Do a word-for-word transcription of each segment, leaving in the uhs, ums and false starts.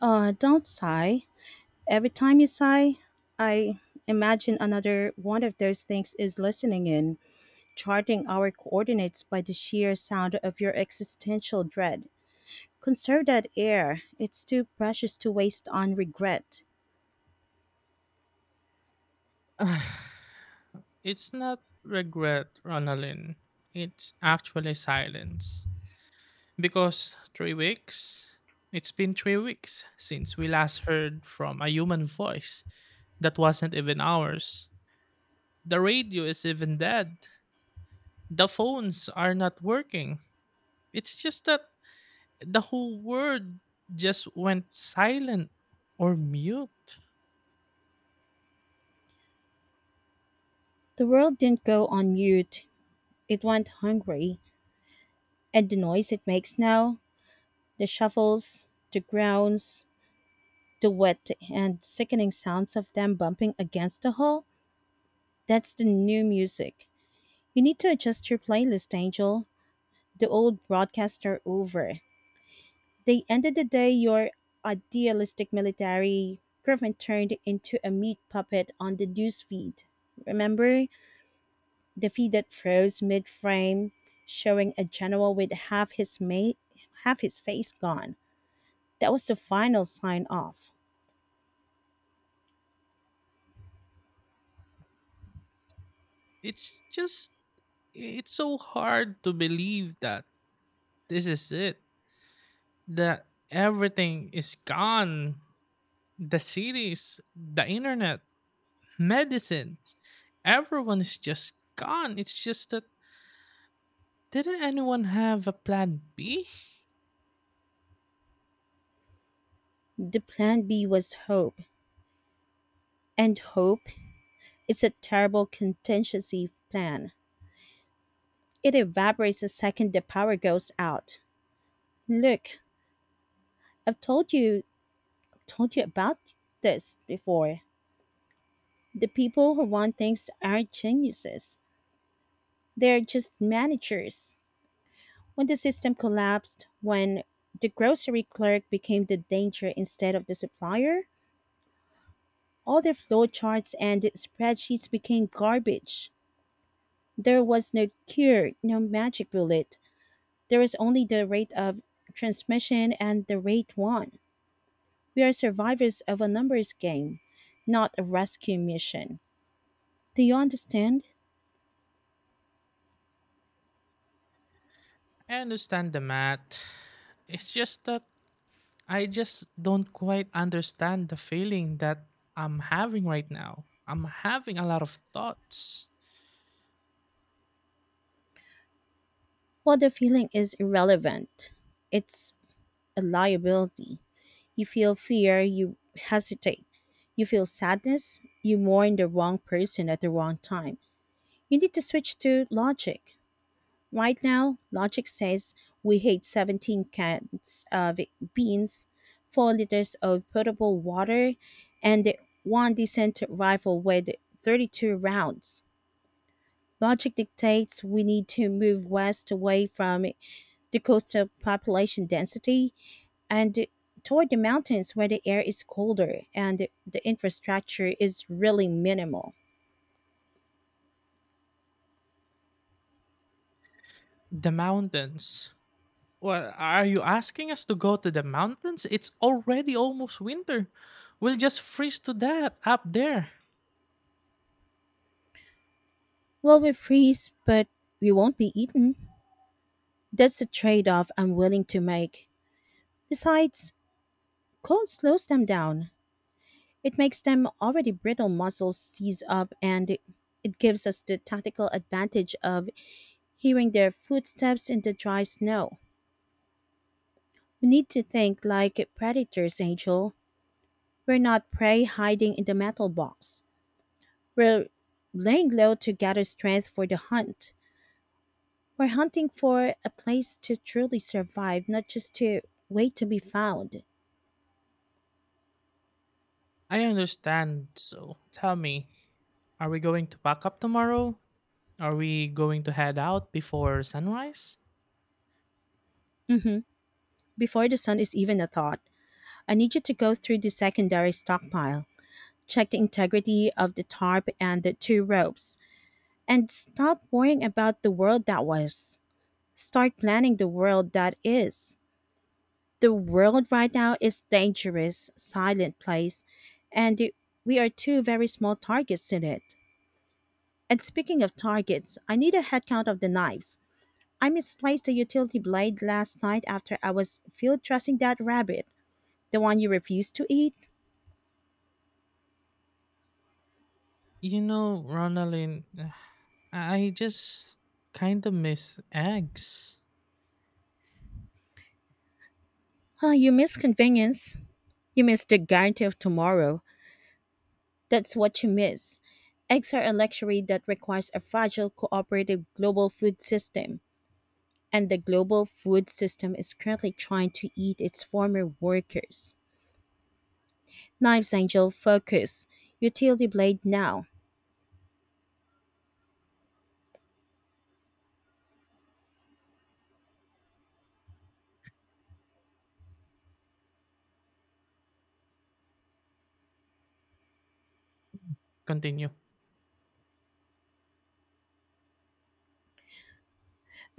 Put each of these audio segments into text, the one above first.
Uh, don't sigh. Every time you sigh, I imagine another one of those things is listening in, charting our coordinates by the sheer sound of your existential dread. Conserve that air, it's too precious to waste on regret. It's not regret, Ronalyn. It's actually silence. Because three weeks? It's been three weeks since we last heard from a human voice that wasn't even ours. The radio is even dead. The phones are not working. It's just that the whole world just went silent or mute. The world didn't go on mute, it went hungry, and the noise it makes now, the shuffles, the groans, the wet and sickening sounds of them bumping against the hull, that's the new music. You need to adjust your playlist, Angel. The old broadcasts are over. They ended the day your idealistic military government turned into a meat puppet on the news feed. Remember the feed that froze mid frame, showing a general with half his mate half his face gone. That was the final sign off. It's just, it's so hard to believe that this is it, that everything is gone, the cities, the internet, medicines, everyone is just gone. It's just that, didn't anyone have a plan B? The plan B was hope, and hope is a terrible contingency plan. It evaporates the second the power goes out. Look, I've told you told you about this before. The people who run things aren't geniuses. They're just managers. When the system collapsed, when the grocery clerk became the danger instead of the supplier, all their flowcharts and spreadsheets became garbage. There was no cure, no magic bullet. There was only the rate of transmission and the rate won. We are survivors of a numbers game, not a rescue mission. Do you understand? I understand the math. It's just that I just don't quite understand the feeling that I'm having right now. I'm having a lot of thoughts. While the feeling is irrelevant, it's a liability. You feel fear, you hesitate. You feel sadness, you mourn the wrong person at the wrong time. You need to switch to logic. Right now, logic says we hate seventeen cans of beans, four liters of potable water, and one decent rifle with thirty-two rounds. Logic dictates we need to move west away from the coastal population density, and toward the mountains where the air is colder and the infrastructure is really minimal. The mountains. Well, are you asking us to go to the mountains? It's already almost winter. We'll just freeze to death up there. Well, we freeze, but we won't be eaten. That's a trade off I'm willing to make. Besides, cold slows them down. It makes them already brittle muscles seize up, and it gives us the tactical advantage of hearing their footsteps in the dry snow. We need to think like predators, Angel. We're not prey hiding in the metal box. We're laying low to gather strength for the hunt. We're hunting for a place to truly survive, not just to wait to be found. I understand. So tell me, are we going to pack up tomorrow? Are we going to head out before sunrise? hmm Before the sun is even a thought, I need you to go through the secondary stockpile, check the integrity of the tarp and the two ropes, and stop worrying about the world that was. Start planning the world that is. The world right now is dangerous, silent place, and it- we are two very small targets in it. And speaking of targets, I need a headcount of the knives. I misplaced the utility blade last night after I was field dressing that rabbit, the one you refused to eat. You know, Ronaldin, I just kind of miss eggs. Ah, you miss convenience. You miss the guarantee of tomorrow. That's what you miss. Eggs are a luxury that requires a fragile, cooperative global food system, and the global food system is currently trying to eat its former workers. Knives, Angel. Focus. Utility blade now. Continue.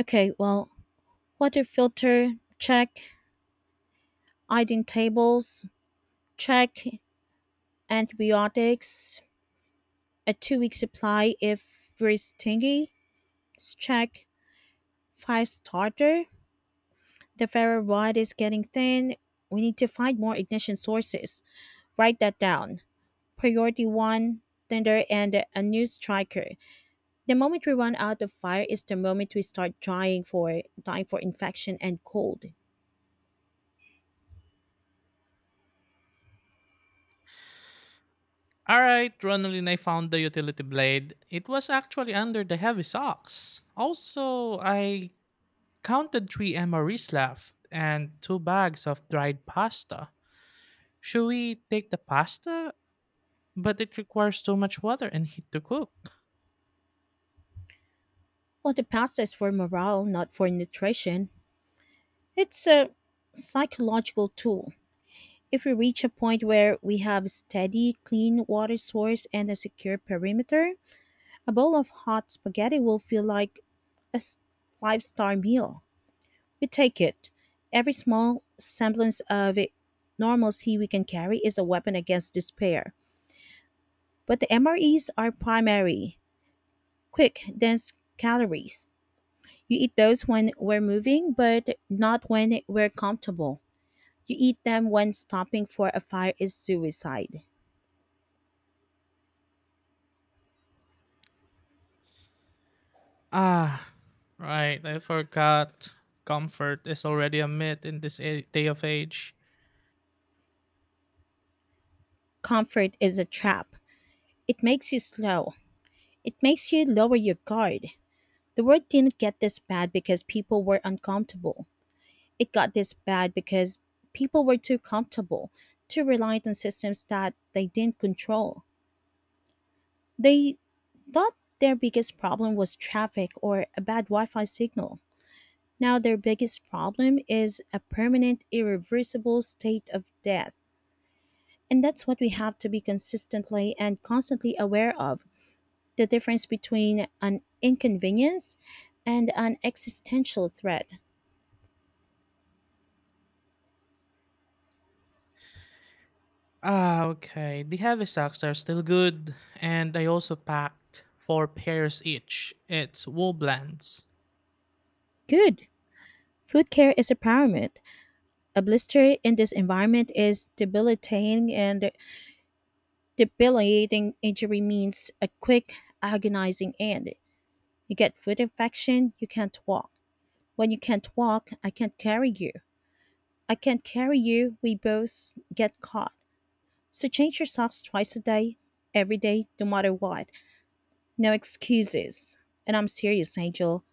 Okay, well, water filter, check. Iodine tables, check. Antibiotics, a two week supply if we're stingy, check. Fire starter, the ferro rod is getting thin. We need to find more ignition sources. Write that down. Priority one, tinder and a new striker. The moment we run out of fire is the moment we start dying for dying for infection and cold. All right, Ronaldin, I found the utility blade. It was actually under the heavy socks. Also, I counted three M R Es left and two bags of dried pasta. Should we take the pasta? But it requires too much water and heat to cook. While the pasta is for morale, not for nutrition, it's a psychological tool. If we reach a point where we have a steady, clean water source and a secure perimeter, a bowl of hot spaghetti will feel like a five star meal. We take it. Every small semblance of normalcy we can carry is a weapon against despair. But the M R Es are primary, quick, dense calories. You eat those when we're moving, but not when we're comfortable. You eat them when stopping for a fire is suicide. Ah, right. I forgot. Comfort is already a myth in this a- day of age. Comfort is a trap. It makes you slow. It makes you lower your guard. The word didn't get this bad because people were uncomfortable. It got this bad because people were too comfortable, too reliant on systems that they didn't control. They thought their biggest problem was traffic or a bad Wi Fi signal. Now their biggest problem is a permanent, irreversible state of death. And that's what we have to be consistently and constantly aware of, the difference between an inconvenience and an existential threat. Ah, okay. The heavy socks are still good. And I also packed four pairs each. It's wool blends. Good. Food care is a pyramid. A blister in this environment is debilitating, and debilitating injury means a quick, agonizing end. You get food infection, you can't walk. When you can't walk, I can't carry you. I can't carry you, we both get caught. So change your socks twice a day, every day, no matter what. No excuses. And I'm serious, Angel.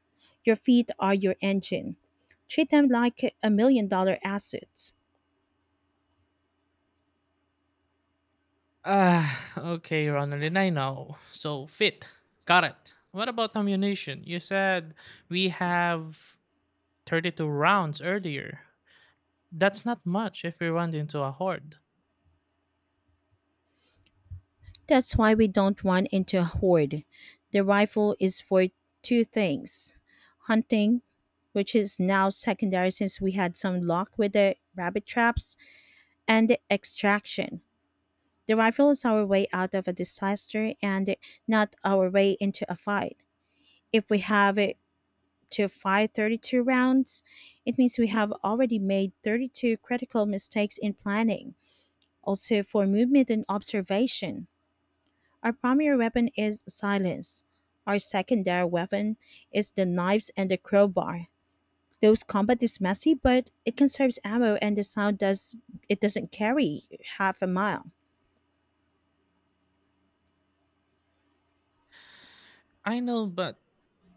Your feet are your engine. Treat them like a million dollar assets. Ah, okay, Ronaldin, I know. So, fit. Got it. What about ammunition? You said we have thirty-two rounds earlier. That's not much if we run into a horde. That's why we don't run into a horde. The rifle is for two things: hunting, which is now secondary since we had some luck with the rabbit traps, and extraction. The rifle is our way out of a disaster and not our way into a fight. If we have it to fight thirty-two rounds, it means we have already made thirty-two critical mistakes in planning, also for movement and observation. Our primary weapon is silence. Our secondary weapon is the knives and the crowbar. Those combat is messy, but it conserves ammo and the sound does it doesn't carry half a mile. I know, but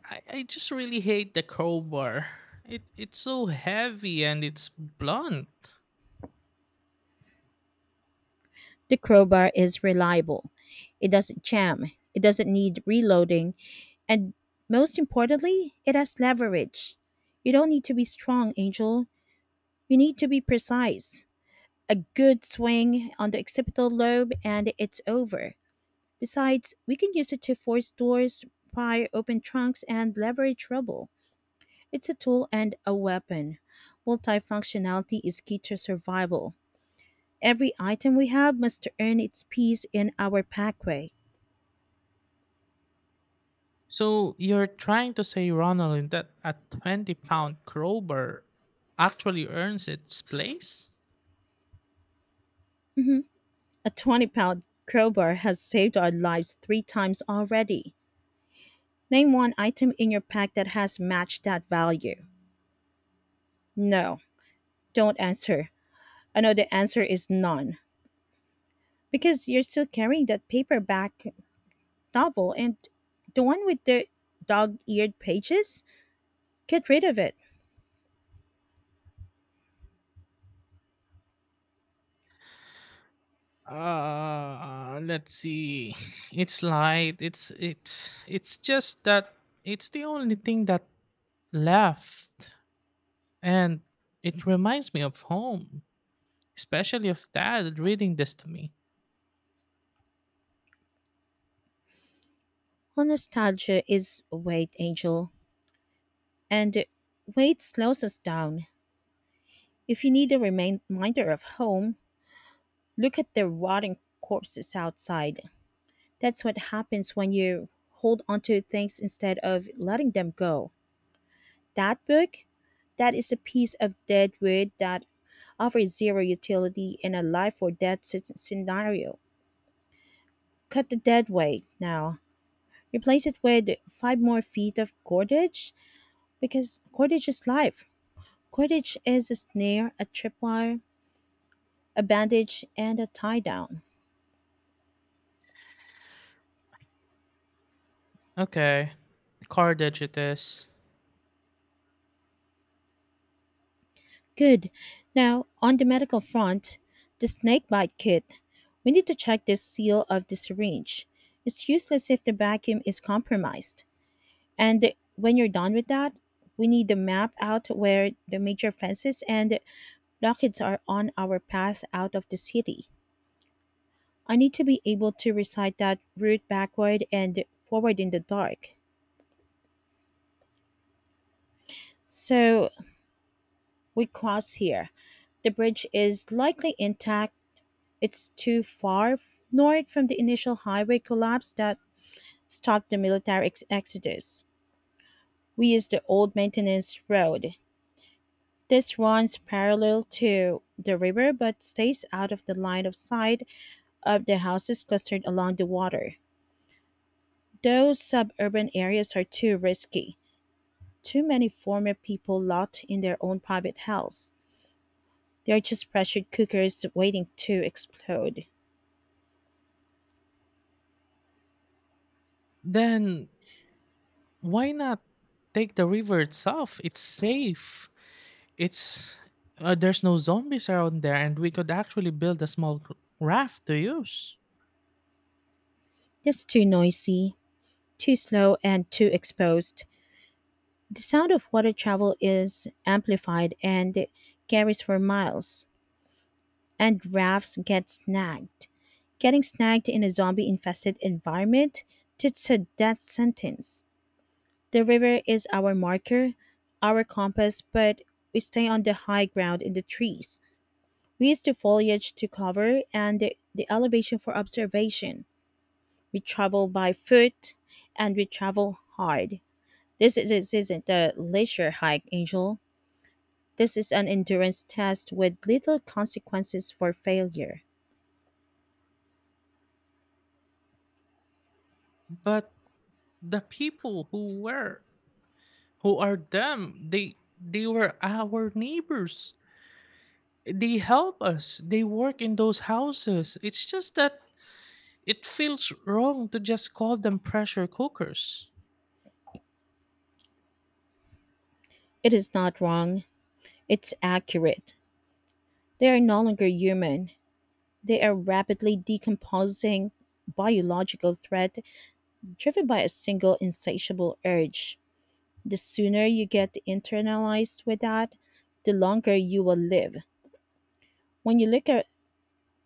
I, I just really hate the crowbar. It it's so heavy and it's blunt. The crowbar is reliable. It doesn't jam. It doesn't need reloading, and most importantly, it has leverage. You don't need to be strong, Angel. You need to be precise. A good swing on the occipital lobe and it's over. Besides, we can use it to force doors, pry open trunks, and leverage rubble. It's a tool and a weapon. Multifunctionality is key to survival. Every item we have must earn its piece in our packway. So you're trying to say, Ronald, that a twenty pound crowbar actually earns its place? Mhm. A twenty pound crowbar has saved our lives three times already. Name one item in your pack that has matched that value. No, don't answer. I know the answer is none, because you're still carrying that paperback novel, and the one with the dog eared pages? Get rid of it. Uh, let's see. It's light. It's it's it's just that it's the only thing that left, and it reminds me of home, especially of Dad reading this to me. Well, nostalgia is wait, Angel, and wait slows us down. If you need a remain- reminder of home, look at the rotting corpses outside. That's what happens when you hold onto things instead of letting them go. That book, that is a piece of dead wood that offers zero utility in a life or death sce- scenario. Cut the dead weight now. Replace it with five more feet of cordage, because cordage is life. Cordage is a snare, a tripwire, a bandage, and a tie down. Okay, cardage it is. Good. Now, on the medical front, the snakebite kit. We need to check the seal of the syringe. It's useless if the vacuum is compromised. And when you're done with that, we need to map out where the major fences and rockets are on our path out of the city. I need to be able to recite that route backward and forward in the dark. So we cross here. The bridge is likely intact. It's too far f- north from the initial highway collapse that stopped the military ex- exodus. We use the old maintenance road. This runs parallel to the river but stays out of the line of sight of the houses clustered along the water. Those suburban areas are too risky. Too many former people rot in their own private hells. They're just pressure cookers waiting to explode. Then why not take the river itself? It's safe. It's uh, There's no zombies around there, and we could actually build a small raft to use. That's too noisy, too slow, and too exposed. The sound of water travel is amplified and carries for miles, and rafts get snagged. Getting snagged in a zombie infested environment, it's a death sentence. The river is our marker, our compass, but we stay on the high ground in the trees. We used the foliage to cover and the, the elevation for observation. We travel by foot and we travel hard. This, is, this isn't a leisure hike, Angel. This is an endurance test with little consequences for failure. But the people who were who are them, they they were our neighbors, they help us, they work in those houses. It's just that it feels wrong to just call them pressure cookers. It is not wrong, it's accurate. They are no longer human. They are rapidly decomposing biological threat driven by a single insatiable urge. The sooner you get internalized with that, the longer you will live. When you look at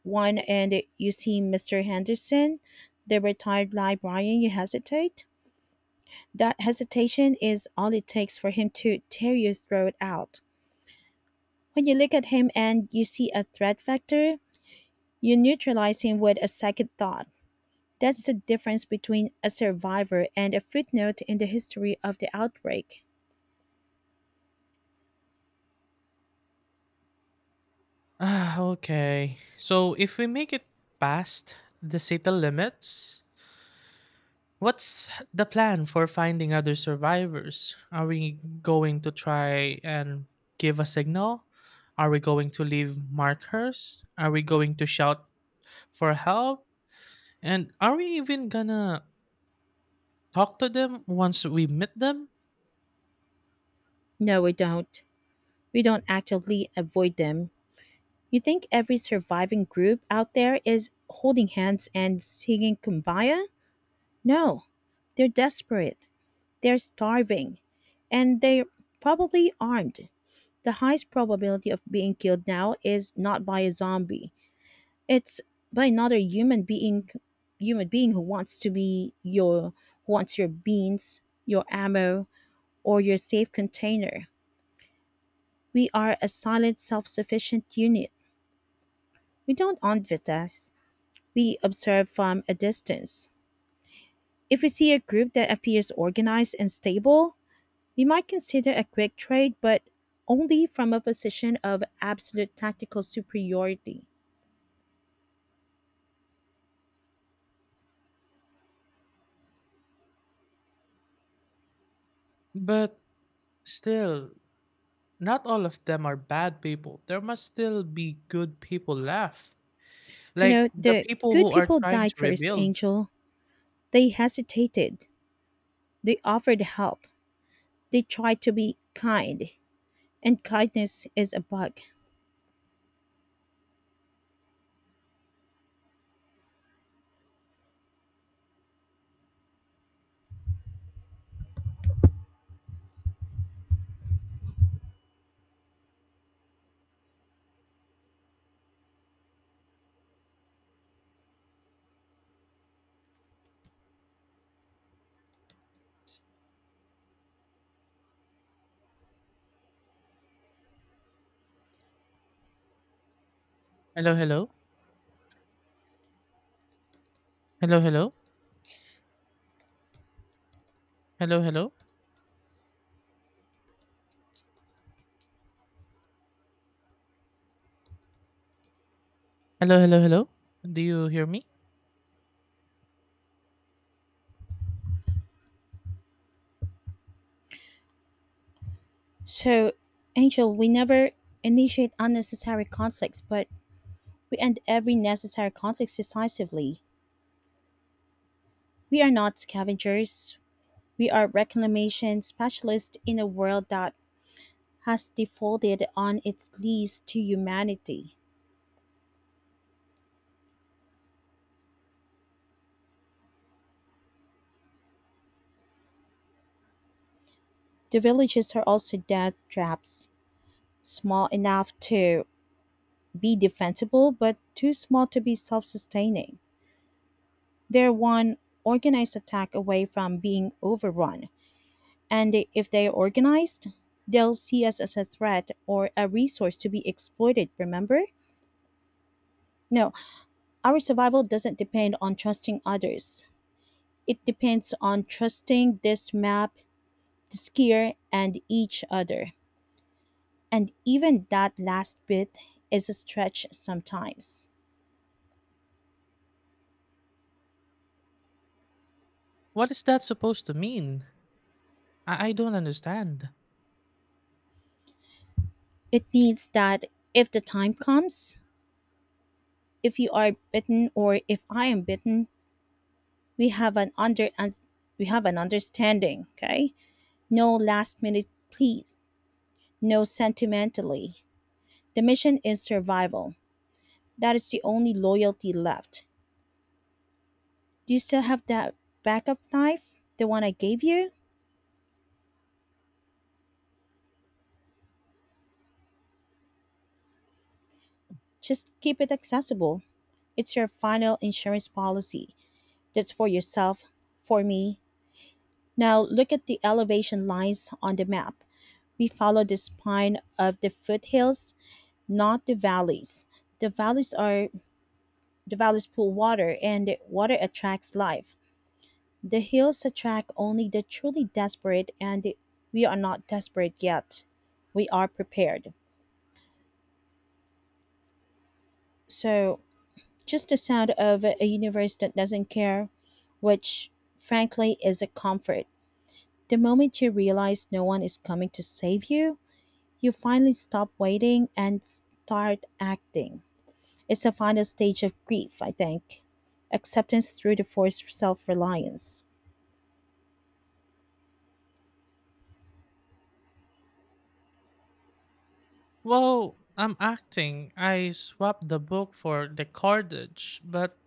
one and you see Mister Henderson, the retired librarian, you hesitate. That hesitation is all it takes for him to tear your throat out. When you look at him and you see a threat factor, you neutralize him with a second thought. That's the difference between a survivor and a footnote in the history of the outbreak. Ah, okay, so if we make it past the city limits, what's the plan for finding other survivors? Are we going to try and give a signal? Are we going to leave markers? Are we going to shout for help? And are we even gonna talk to them once we meet them? No, we don't. We don't actively avoid them. You think every surviving group out there is holding hands and singing kumbaya? No. They're desperate. They're starving. And they're probably armed. The highest probability of being killed now is not by a zombie. It's by another human being human being who wants to be your who wants your beans, your ammo, or your safe container. We are a silent self-sufficient unit. We don't own Vitas. We observe from a distance. If we see a group that appears organized and stable, we might consider a quick trade, but only from a position of absolute tactical superiority. But still, not all of them are bad people. There must still be good people left. You Like know, the The people good who are people trying to died first, rebuild. Angel. They hesitated. They offered help. They tried to be kind. And kindness is a bug. Hello, hello. Hello, hello. Hello, hello. Hello, hello, hello. Do you hear me? So, Angel, we never initiate unnecessary conflicts, but we end every necessary conflict decisively. We are not scavengers. We are reclamation specialists in a world that has defaulted on its lease to humanity. The villages are also death traps, small enough to be defensible, but too small to be self sustaining. They're one organized attack away from being overrun, and if they are organized, they'll see us as a threat or a resource to be exploited, remember? No, our survival doesn't depend on trusting others. It depends on trusting this map, this gear, and each other. And even that last bit is a stretch sometimes. What is that supposed to mean? I, I don't understand. It means that if the time comes, if you are bitten or if I am bitten, we have an under un- we have an understanding, okay? No last minute pleas, no sentimentally. The mission is survival. That is the only loyalty left. Do you still have that backup knife? The one I gave you? Just keep it accessible. It's your final insurance policy. That's for yourself, for me. Now look at the elevation lines on the map. We follow the spine of the foothills, not the valleys. The valleys are The valleys pull water and water attracts life. The hills attract only the truly desperate and we are not desperate yet. We are prepared. So just the sound of a universe that doesn't care, which frankly is a comfort. The moment you realize no one is coming to save you, you finally stop waiting and start acting. It's the final stage of grief, I think. Acceptance through the forced self reliance. Well, I'm acting. I swapped the book for the cordage, but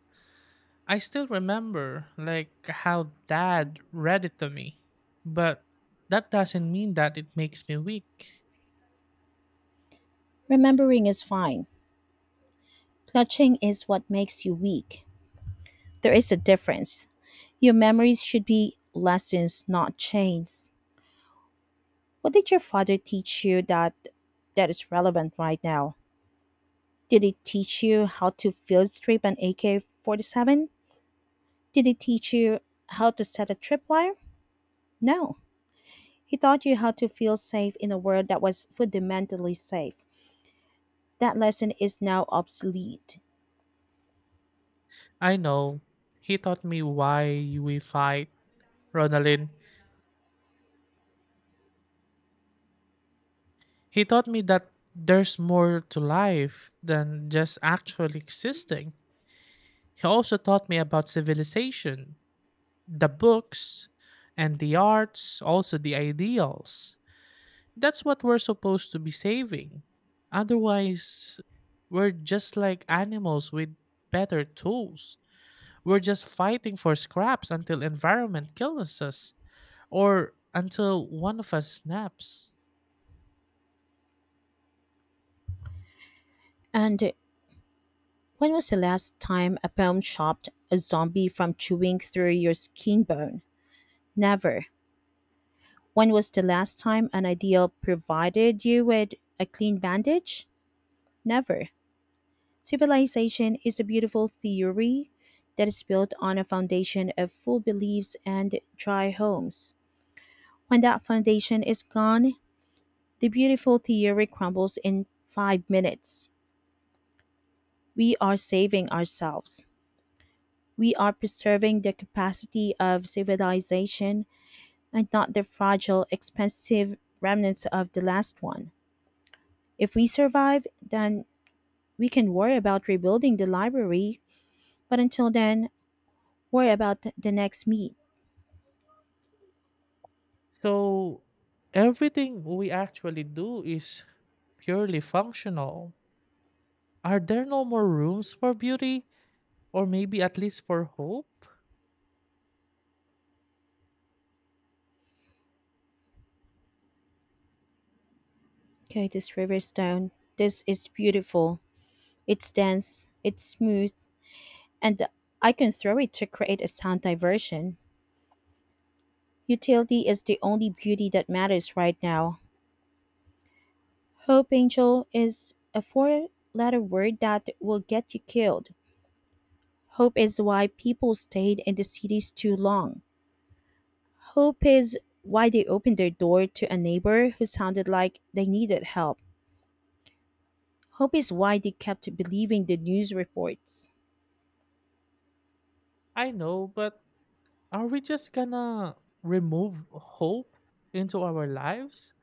I still remember like how Dad read it to me. But that doesn't mean that it makes me weak. Remembering is fine. Clutching is what makes you weak. There is a difference. Your memories should be lessons, not chains. What did your father teach you that that is relevant right now? Did it teach you how to field strip an A K forty-seven? Did it teach you how to set a tripwire? No. He taught you how to feel safe in a world that was fundamentally safe. That lesson is now obsolete. I know. He taught me why we fight, Ronaldin. He taught me that there's more to life than just actually existing. He also taught me about civilization, the books and the arts, also the ideals. That's what we're supposed to be saving. Otherwise, we're just like animals with better tools. We're just fighting for scraps until environment kills us or until one of us snaps. And When was the last time a poem chopped a zombie from chewing through your skin bone? Never. When was the last time an ideal provided you with a clean bandage? Never. Civilization is a beautiful theory that is built on a foundation of full beliefs and dry homes. When that foundation is gone, the beautiful theory crumbles in five minutes. We are saving ourselves. We are preserving the capacity of civilization and not the fragile, expensive remnants of the last one. If we survive, then we can worry about rebuilding the library, but until then, worry about th- the next meet. So, everything we actually do is purely functional. Are there no more rooms for beauty, or maybe at least for hope? Okay, this riverstone. This is beautiful. It's dense, it's smooth, and I can throw it to create a sound diversion. Utility is the only beauty that matters right now. Hope, Angel, is a four letter word that will get you killed. Hope is why people stayed in the cities too long. Hope is why they opened their door to a neighbor who sounded like they needed help. Hope is why they kept believing the news reports. I know, but are we just gonna remove hope into our lives?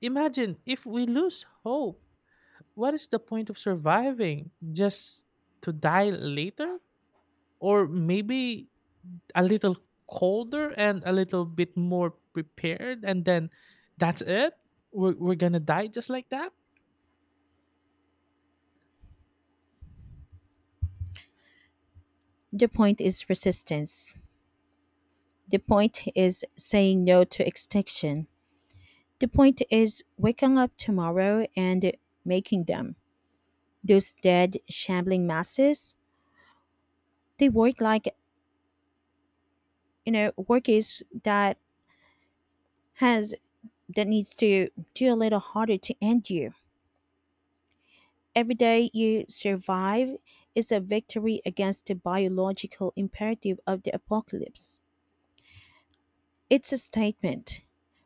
Imagine if we lose hope, what is the point of surviving? Just to die later? Or maybe a little colder and a little bit more prepared, and then that's it, we're, we're gonna die just like that. The point is resistance. The point is saying no to extinction. The point is waking up tomorrow and making them. Those dead, shambling masses, they work like you know workers that has that needs to do a little harder to end you. Every day you survive is a victory against the biological imperative of the apocalypse. It's a statement.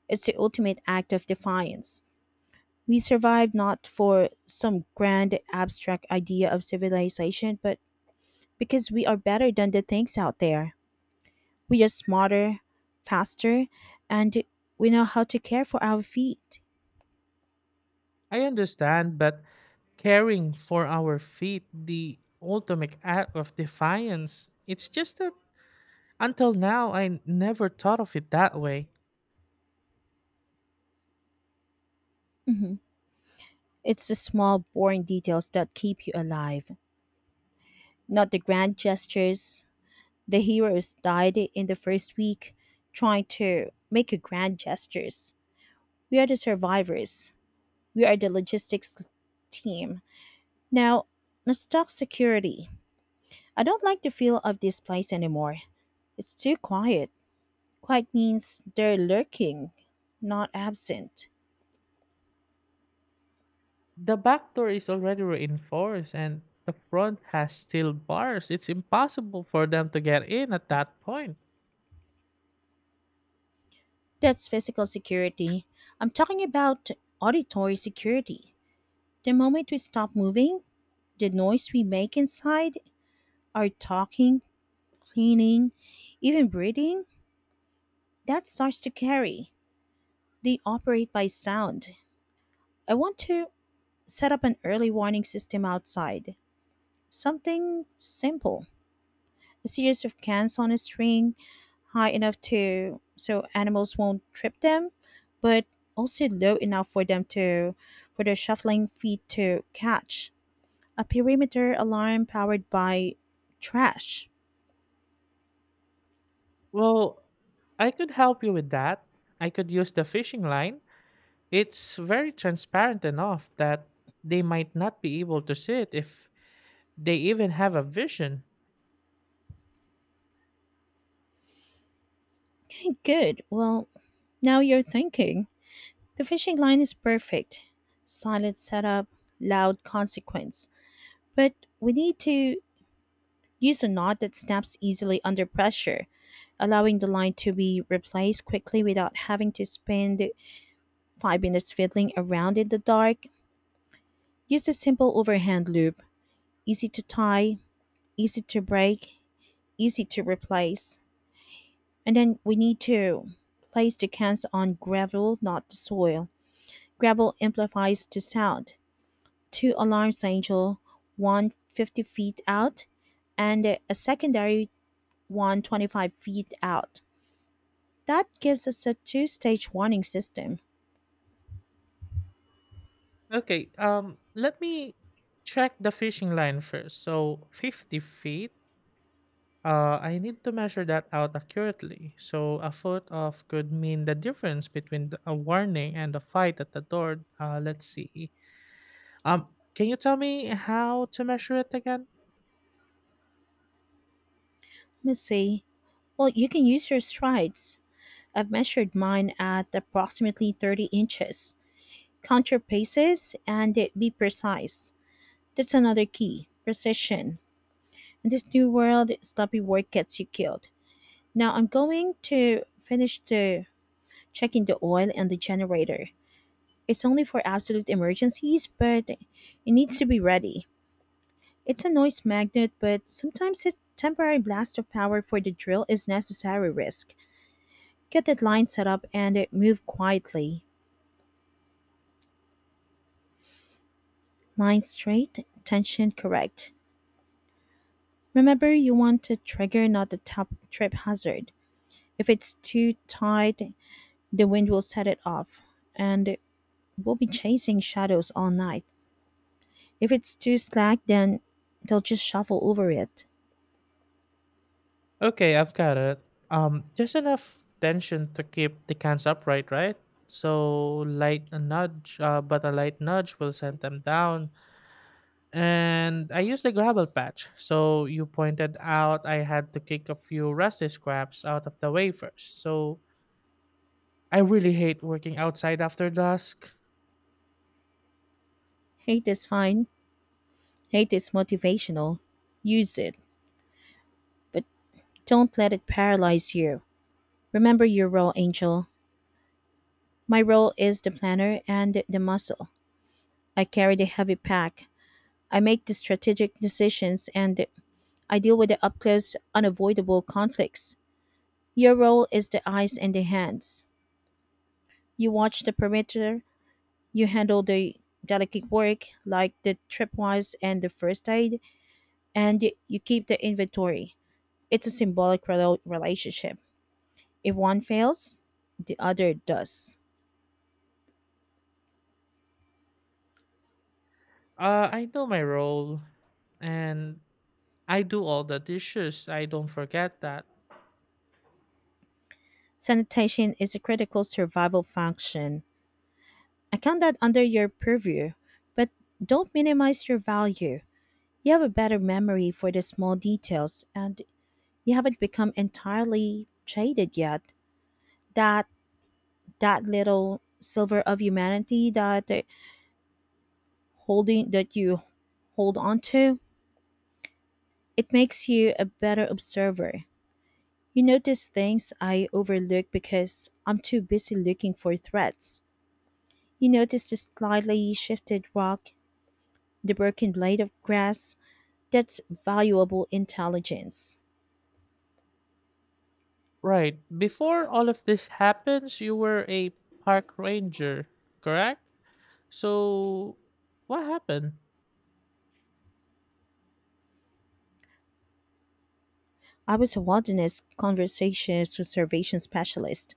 It's the ultimate act of defiance. We survive not for some grand abstract idea of civilization, but because we are better than the things out there. We are smarter, faster, and we know how to care for our feet. I understand, but caring for our feet, the ultimate act of defiance, it's just a. Until now, I never thought of it that way. Mhm. It's the small, boring details that keep you alive, not the grand gestures. The heroes died in the first week trying to make a grand gestures. We are the survivors. We are the logistics team. Now, let's talk security. I don't like the feel of this place anymore. It's too quiet. Quiet means they're lurking, not absent. The back door is already reinforced and the front has steel bars. It's impossible for them to get in at that point. That's physical security. I'm talking about auditory security. The moment we stop moving, the noise we make inside, our talking, cleaning, even breathing, that starts to carry. They operate by sound. I want to set up an early warning system outside. Something simple. A series of cans on a string high enough to so animals won't trip them, but also low enough for them to for their shuffling feet to catch. A perimeter alarm powered by trash. Well, I could help you with that. I could use the fishing line. It's very transparent enough that they might not be able to see it, if they even have a vision. Okay, good. Well, now you're thinking. The fishing line is perfect. Silent setup, loud consequence. But we need to use a knot that snaps easily under pressure, allowing the line to be replaced quickly without having to spend five minutes fiddling around in the dark. Use a simple overhand loop, easy to tie, easy to break, easy to replace. And then we need to place the cans on gravel, not the soil. Gravel amplifies the sound. Two alarms, Angel, one fifty feet out, and a secondary one twenty-five feet out. That gives us a two stage warning system. Okay, um let me check the fishing line first. So fifty feet. Uh, I need to measure that out accurately. So a foot off could mean the difference between the- a warning and a fight at the door. Uh, let's see. Um, can you tell me how to measure it again? Let me see. Well, you can use your strides. I've measured mine at approximately thirty inches. Count your paces and be precise. That's another key precision. In this new world, sloppy work gets you killed. Now I'm going to finish the checking the oil and the generator. It's only for absolute emergencies, but it needs to be ready. It's a noise magnet, but sometimes a temporary blast of power for the drill is necessary risk. Get that line set up and move quietly. Line straight, tension correct. Remember, you want a trigger, not the top trip hazard. If it's too tight, the wind will set it off and we'll be chasing shadows all night. If it's too slack, then they'll just shuffle over it. Okay, I've got it. Um, just enough tension to keep the cans upright, right? So light a nudge, uh, but a light nudge will send them down. And I used the gravel patch. So you pointed out I had to kick a few rusty scraps out of the way first. So I really hate working outside after dusk. Hate is fine. Hate is motivational. Use it, but don't let it paralyze you. Remember your role, Angel. My role is the planner and the muscle. I carry the heavy pack. I make the strategic decisions and I deal with the up close, unavoidable conflicts. Your role is the eyes and the hands. You watch the perimeter, you handle the delicate work like the tripwires and the first aid, and you keep the inventory. It's a symbolic relo- relationship. If one fails, the other does. Uh, I know my role, and I do all the dishes. I don't forget that. Sanitation is a critical survival function. I count that under your purview, but don't minimize your value. You have a better memory for the small details, and you haven't become entirely jaded yet. That that little silver of humanity that uh, holding that you hold on to, it makes you a better observer. You notice things I overlook because I'm too busy looking for threats. You notice the slightly shifted rock, the broken blade of grass. That's valuable intelligence. Right. Before all of this happens, you were a park ranger, correct? So, what happened? I was a wilderness conversation conservation specialist.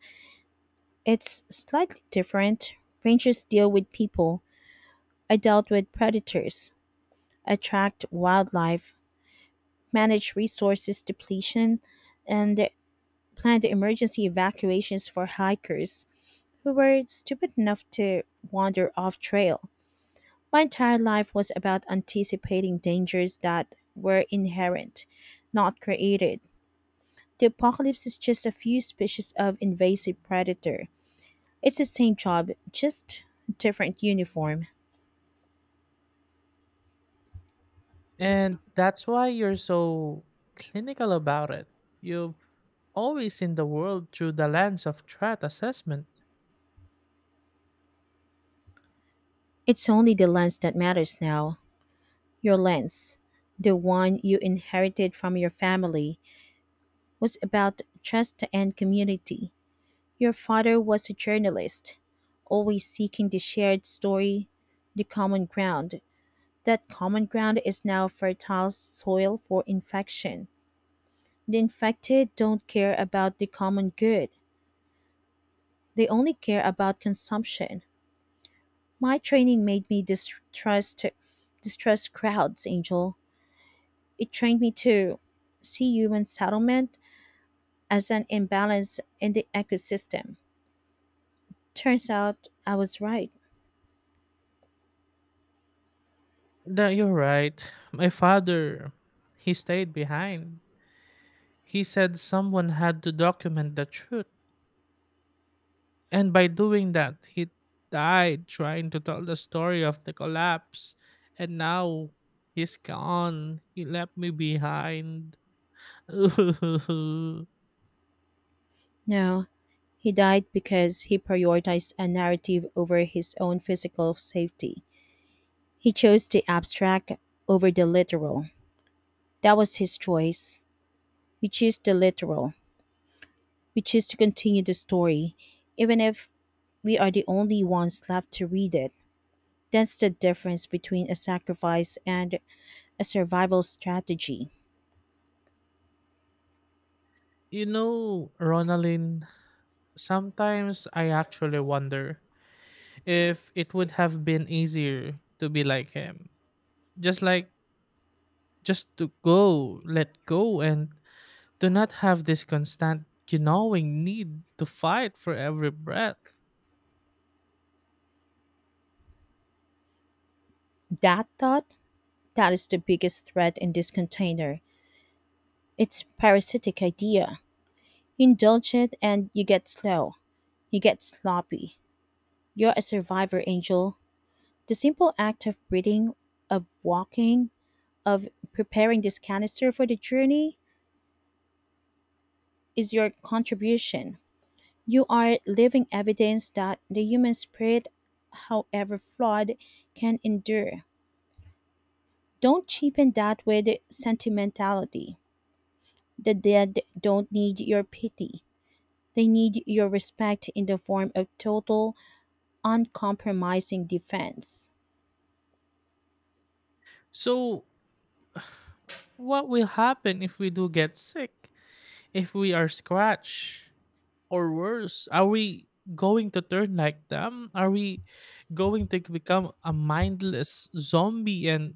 It's slightly different. Rangers deal with people. I dealt with predators, attract wildlife, manage resources depletion, and planned emergency evacuations for hikers who were stupid enough to wander off trail. My entire life was about anticipating dangers that were inherent, not created. The apocalypse is just a few species of invasive predator. It's the same job, just different uniform. And that's why you're so clinical about it. You've always seen the world through the lens of threat assessment. It's only the lens that matters now. Your lens, the one you inherited from your family, was about trust and community. Your father was a journalist, always seeking the shared story, the common ground. That common ground is now fertile soil for infection. The infected don't care about the common good, they only care about consumption. My training made me distrust, distrust crowds, Angel. It trained me to see human settlement as an imbalance in the ecosystem. Turns out I was right. No, you're right. My father, he stayed behind. He said someone had to document the truth, and by doing that, he died trying to tell the story of the collapse. And now he's gone. He left me behind. You No, he died because he prioritized a narrative over his own physical safety. He chose the abstract over the literal. That was his choice. We choose the literal. We choose to continue the story, even if we are the only ones left to read it. That's the difference between a sacrifice and a survival strategy. know, Ronaline, sometimes I actually wonder if it would have been easier to be like him. Just like, just to go, let go, and do not have this constant gnawing need to fight for every breath. That thought, that is the biggest threat in this container. It's parasitic idea. You indulge it and you get slow. You get sloppy. You're a survivor, Angel. The simple act of breathing, of walking, of preparing this canister for the journey is your contribution. You are living evidence that the human spirit, however flawed, can endure. Don't cheapen that with sentimentality. The dead don't need your pity. They need your respect in the form of total, uncompromising defense. So, what will happen if we do get sick? If we are scratched or worse, are we going to turn like them? Are we going to become a mindless zombie and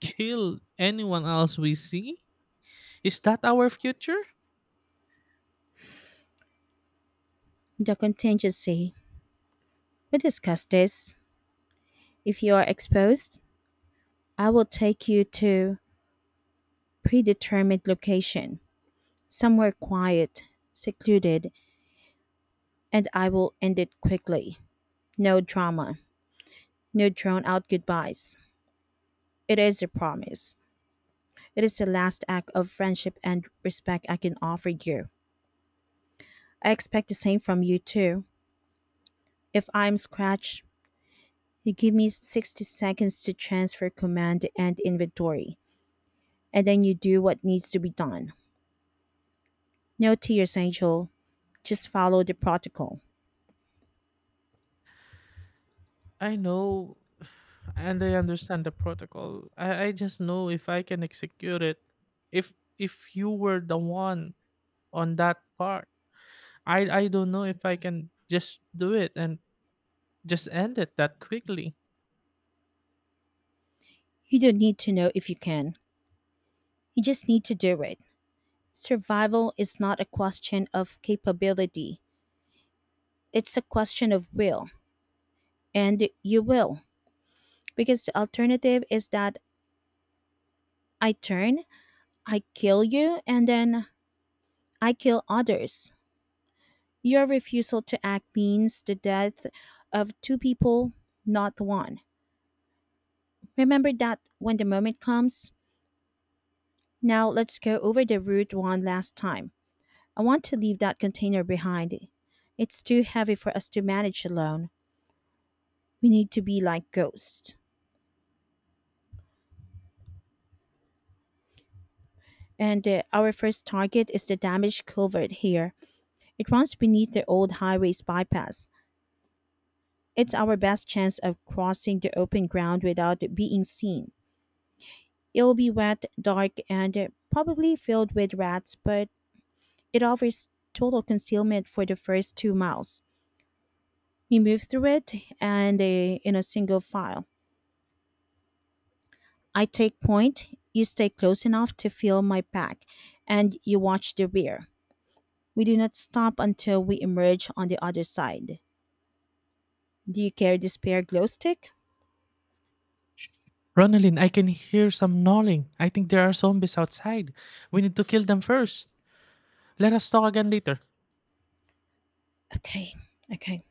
kill anyone else we see? Is that our future? The contingency. We discussed this. If you are exposed, I will take you to predetermined location, somewhere quiet, secluded, and I will end it quickly. No drama, no drawn out goodbyes. It is a promise. It is the last act of friendship and respect I can offer you. I expect the same from you too. If I'm scratched, you give me sixty seconds to transfer command and inventory, and then you do what needs to be done. No tears, Angel. Just follow the protocol. I know, and I understand the protocol. I, I just know if I can execute it. If if you were the one on that part, I I don't know if I can just do it and just end it that quickly. You don't need to know if you can. You just need to do it. Survival is not a question of capability, it's a question of will. And you will, because the alternative is that I turn, I kill you, and then I kill others. Your refusal to act means the death of two people, not one. Remember that when the moment comes? Now let's go over the route one last time. I want to leave that container behind. It's too heavy for us to manage alone. We need to be like ghosts. And uh, our first target is the damaged culvert here. It runs beneath the old highway's bypass. It's our best chance of crossing the open ground without being seen. It'll be wet, dark, and uh, probably filled with rats, but it offers total concealment for the first two miles. We move through it and uh, in a single file. I take point, you stay close enough to feel my pack, and you watch the rear. We do not stop until we emerge on the other side. Do you carry this spare glow stick? Ronaldin, I can hear some gnawing. I think there are zombies outside. We need to kill them first. Let us talk again later. Okay, okay.